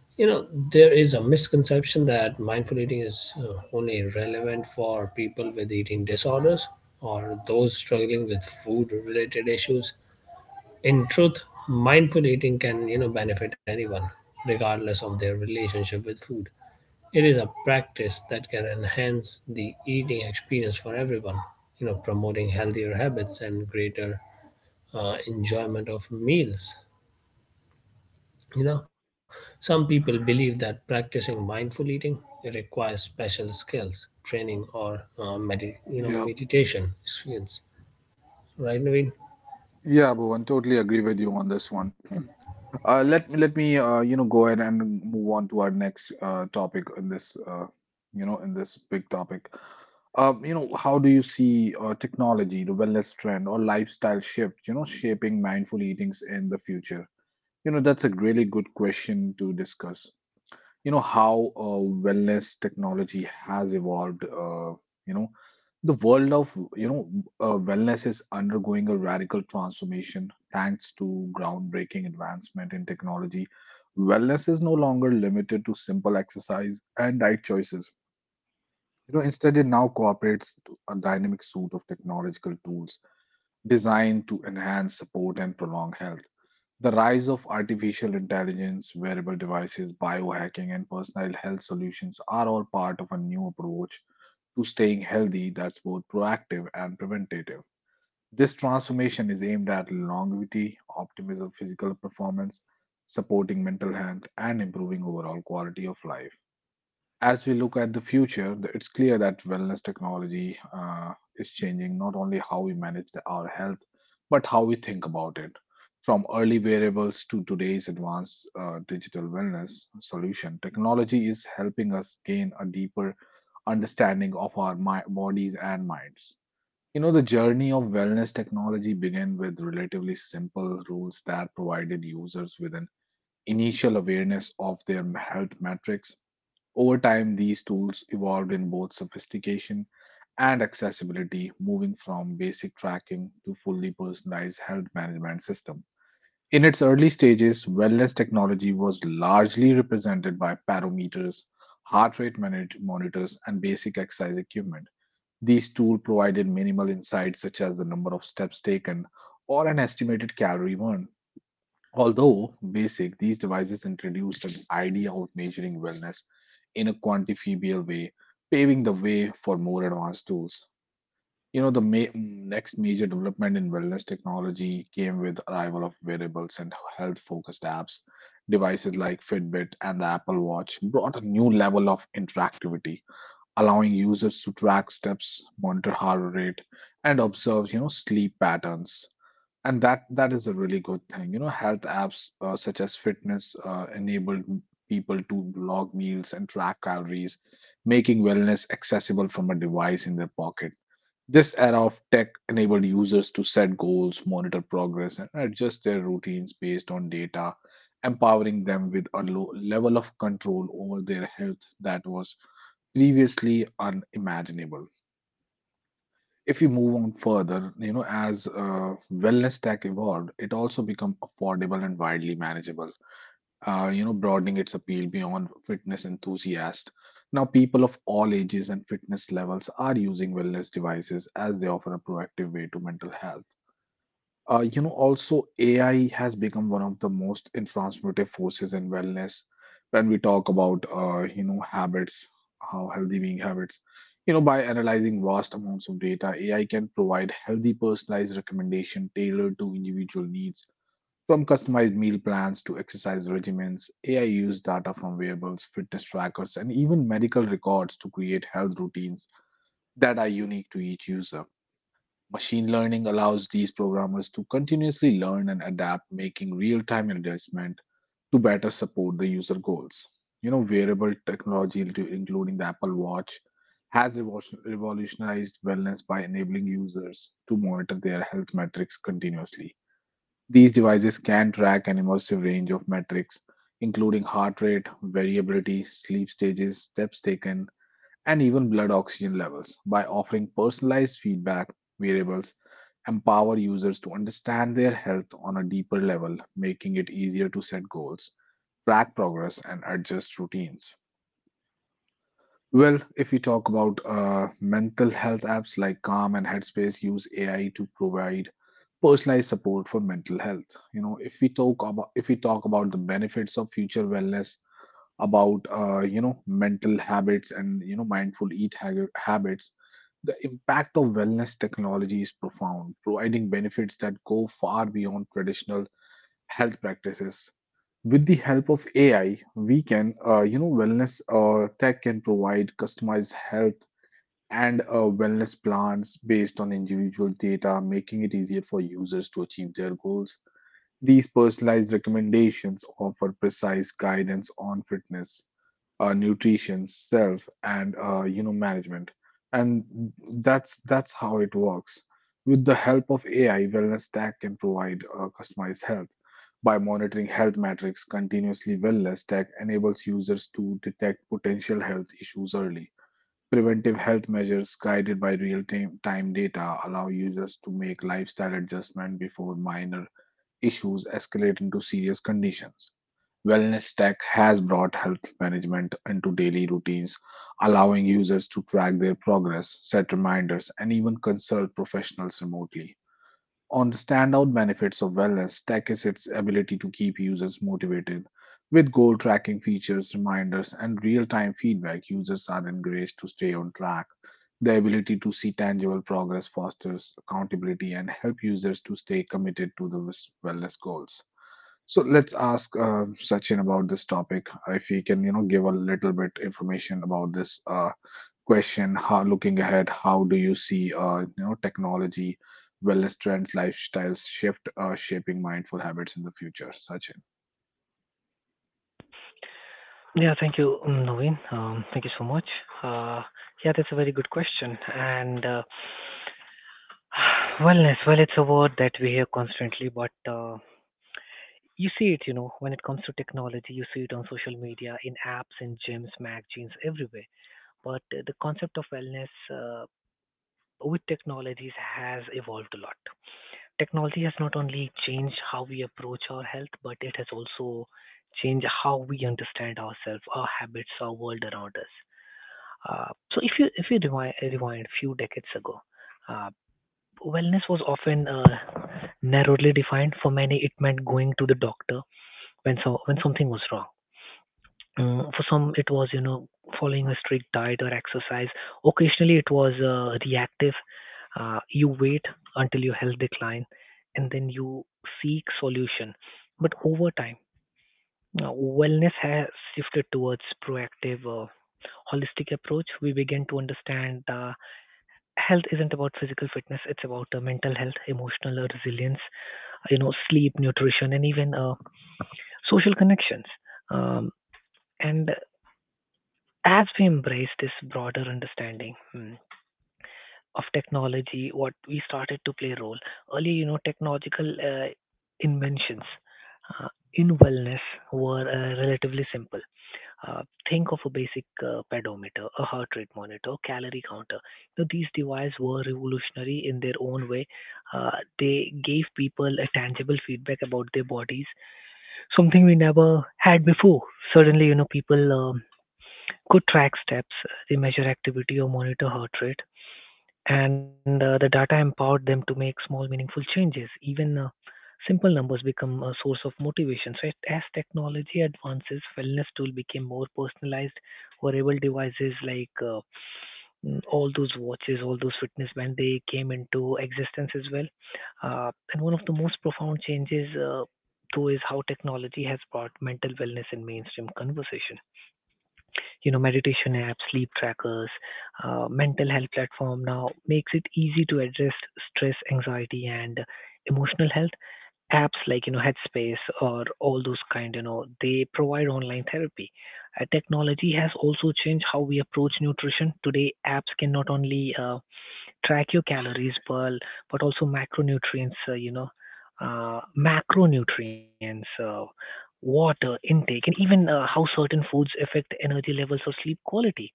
You know, there is a misconception that mindful eating is only relevant for people with eating disorders or those struggling with food related issues. In truth, mindful eating can, you know, benefit anyone regardless of their relationship with food. It is a practice that can enhance the eating experience for everyone, you know, promoting healthier habits and greater enjoyment of meals. You know, some people believe that practicing mindful eating requires special skills, training, or
Yeah.
meditation skills, right, Naveen?
Yeah, Bhuvan, totally agree with you on this one. Let me go ahead and move on to our next topic in this big topic. How do you see technology, the wellness trend, or lifestyle shift, shaping mindful eatings in the future? That's a really good question to discuss. You know how wellness technology has evolved. You know the world of, you know wellness is undergoing a radical transformation thanks to groundbreaking advancement in technology. Wellness is no longer limited to simple exercise and diet choices. Instead, it now cooperates to a dynamic suite of technological tools designed to enhance, support, and prolong health. The rise of artificial intelligence, wearable devices, biohacking, and personal health solutions are all part of a new approach to staying healthy that's both proactive and preventative. This transformation is aimed at longevity, optimism, physical performance, supporting mental health, and improving overall quality of life. As we look at the future, it's clear that wellness technology is changing not only how we manage our health, but how we think about it. From early variables to today's advanced digital wellness solution, technology is helping us gain a deeper understanding of our bodies and minds. The journey of wellness technology began with relatively simple rules that provided users with an initial awareness of their health metrics over time. These tools evolved in both sophistication and accessibility, moving from basic tracking to fully personalized health management system. In its early stages, wellness technology was largely represented by barometers, heart rate monitors, and basic exercise equipment. These tools provided minimal insights such as the number of steps taken or an estimated calorie burn. Although basic, these devices introduced the idea of measuring wellness in a quantifiable way, paving the way for more advanced tools. The next major development in wellness technology came with arrival of wearables and health-focused apps. Devices like Fitbit and the Apple Watch brought a new level of interactivity, allowing users to track steps, monitor heart rate, and observe, sleep patterns. And that is a really good thing. Health apps, such as fitness, enabled people to log meals and track calories, making wellness accessible from a device in their pocket. This era of tech enabled users to set goals, monitor progress, and adjust their routines based on data, empowering them with a low level of control over their health that was previously unimaginable. If you move on further, as wellness tech evolved, it also became affordable and widely manageable, broadening its appeal beyond fitness enthusiasts. Now, people of all ages and fitness levels are using wellness devices as they offer a proactive way to mental health. Also, AI has become one of the most transformative forces in wellness. When we talk about, habits, how healthy being habits, by analyzing vast amounts of data, AI can provide healthy, personalized recommendation tailored to individual needs. From customized meal plans to exercise regimens, AI uses data from wearables, fitness trackers, and even medical records to create health routines that are unique to each user. Machine learning allows these programmers to continuously learn and adapt, making real-time adjustment to better support the user goals. Wearable technology, including the Apple Watch, has revolutionized wellness by enabling users to monitor their health metrics continuously. These devices can track an immersive range of metrics, including heart rate, variability, sleep stages, steps taken, and even blood oxygen levels. By offering personalized feedback, variables empower users to understand their health on a deeper level, making it easier to set goals, track progress, and adjust routines. Well, if we talk about mental health apps like Calm and Headspace use AI to provide personalized support for mental health. If we talk about the benefits of future wellness, about mental habits and mindful habits, the impact of wellness technology is profound, providing benefits that go far beyond traditional health practices. With the help of AI, we can, you know, wellness tech can provide customized health and wellness plans based on individual data, making it easier for users to achieve their goals. These personalized recommendations offer precise guidance on fitness, nutrition, self, and management. And that's how it works. With the help of AI, Wellness Tech can provide customized health by monitoring health metrics continuously. Wellness Tech enables users to detect potential health issues early. Preventive health measures guided by real-time time data allow users to make lifestyle adjustment before minor issues escalate into serious conditions. Wellness tech has brought health management into daily routines, allowing users to track their progress, set reminders, and even consult professionals remotely. On the standout benefits of wellness tech is its ability to keep users motivated. With goal tracking features, reminders, and real time feedback, users are encouraged to stay on track. The ability to see tangible progress fosters accountability and help users to stay committed to the wellness goals. So let's ask Sachin about this topic. If he can, you know, give a little bit information about this question. Looking ahead, how do you see, technology, wellness trends, lifestyles shift, shaping mindful habits in the future, Sachin?
Yeah. Thank you, Naveen. Thank you so much. Uh, yeah, that's a very good question. And wellness. Well, it's a word that we hear constantly, but you see it. You know, when it comes to technology, you see it on social media, in apps, in gyms, magazines, everywhere. But the concept of wellness. With technologies has evolved a lot. Technology has not only changed how we approach our health, but it has also changed how we understand ourselves, our habits, our world around us. So if you rewind a few decades ago, uh, wellness was often narrowly defined. For many, it meant going to the doctor when so when something was wrong. Mm, for some, it was, you know, following a strict diet or exercise. Occasionally, it was reactive. You wait until your health decline and then you seek solution. But over time, wellness has shifted towards proactive, holistic approach. We begin to understand health isn't about physical fitness; it's about mental health, emotional resilience, you know, sleep, nutrition, and even social connections. Um, and as we embrace this broader understanding of technology, what we started to play a role earlier, you know, technological inventions uh, in wellness were relatively simple. Uh, think of a basic pedometer, a heart rate monitor, calorie counter. You know, these devices were revolutionary in their own way. Uh, they gave people a tangible feedback about their bodies, something we never had before. Suddenly, you know, people could track steps, they measure activity or monitor heart rate, and the data empowered them to make small, meaningful changes. Even simple numbers become a source of motivation. So, as technology advances, wellness tool became more personalized. Wearable devices like all those watches, all those fitness bands, they came into existence as well. And one of the most profound changes, though, is how technology has brought mental wellness in mainstream conversation. You know, meditation apps, sleep trackers, mental health platform now makes it easy to address stress, anxiety, and emotional health. Apps like you know Headspace or all those kind, you know, they provide online therapy. Technology has also changed how we approach nutrition. Today, apps can not only track your calories per, but also macronutrients, uh, macronutrients, uh, water intake, and even how certain foods affect energy levels or sleep quality.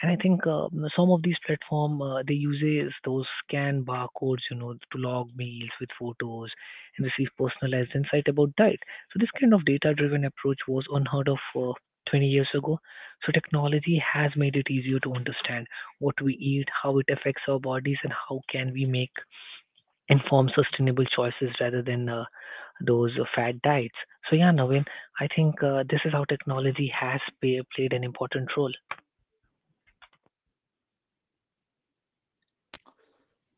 And I think some of these platform they uses those scan barcodes, you know, to log meals with photos and receive personalized insight about diet. So this kind of data-driven approach was unheard of 20 years ago. So technology has made it easier to understand what we eat, how it affects our bodies, and how can we make informed, sustainable choices rather than those fad diets. So yeah, Naveen, I think this is how technology has played an important role.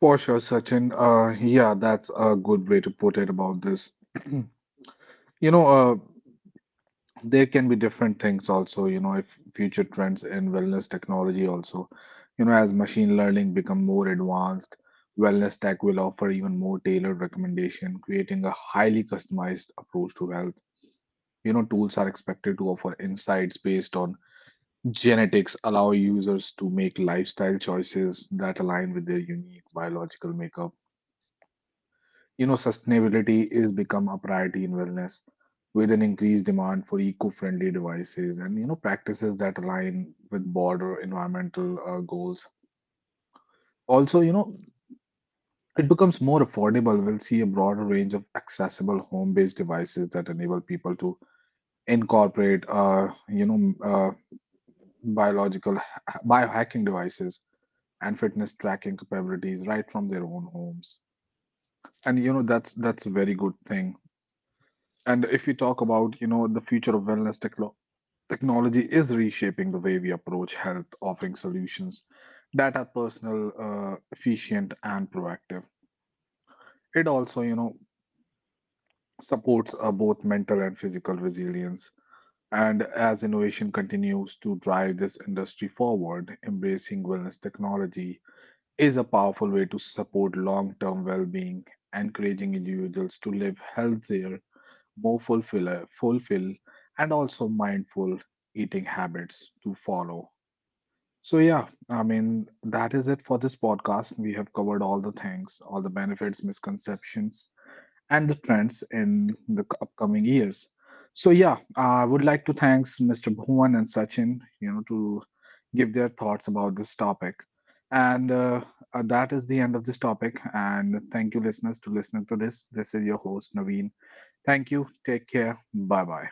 For sure, Sachin. Yeah, that's a good way to put it about this. You know, uh, there can be different things also. If future trends in wellness technology also, as machine learning become more advanced, wellness tech will offer even more tailored recommendation creating a highly customized approach to health. Tools are expected to offer insights based on genetics, allow users to make lifestyle choices that align with their unique biological makeup. Sustainability is become a priority in wellness with an increased demand for eco-friendly devices and practices that align with broader environmental goals. Also, it becomes more affordable. We'll see a broader range of accessible home-based devices that enable people to incorporate, biological biohacking devices and fitness tracking capabilities right from their own homes. And that's a very good thing. And if we talk about, the future of wellness technology is reshaping the way we approach health, offering solutions that are personal, efficient, and proactive. It also, supports both mental and physical resilience. And as innovation continues to drive this industry forward, embracing wellness technology is a powerful way to support long-term well-being, encouraging individuals to live healthier, more fulfill and also mindful eating habits to follow. So yeah, I mean that is it for this podcast. We have covered all the things, all the benefits, misconceptions, and the trends in the upcoming years. So yeah, I would like to thanks Mr. Bhuvan and Sachin, to give their thoughts about this topic. And that is the end of this topic. And thank you, listeners, to listening to this. This is your host Naveen. Thank you. Take care. Bye bye.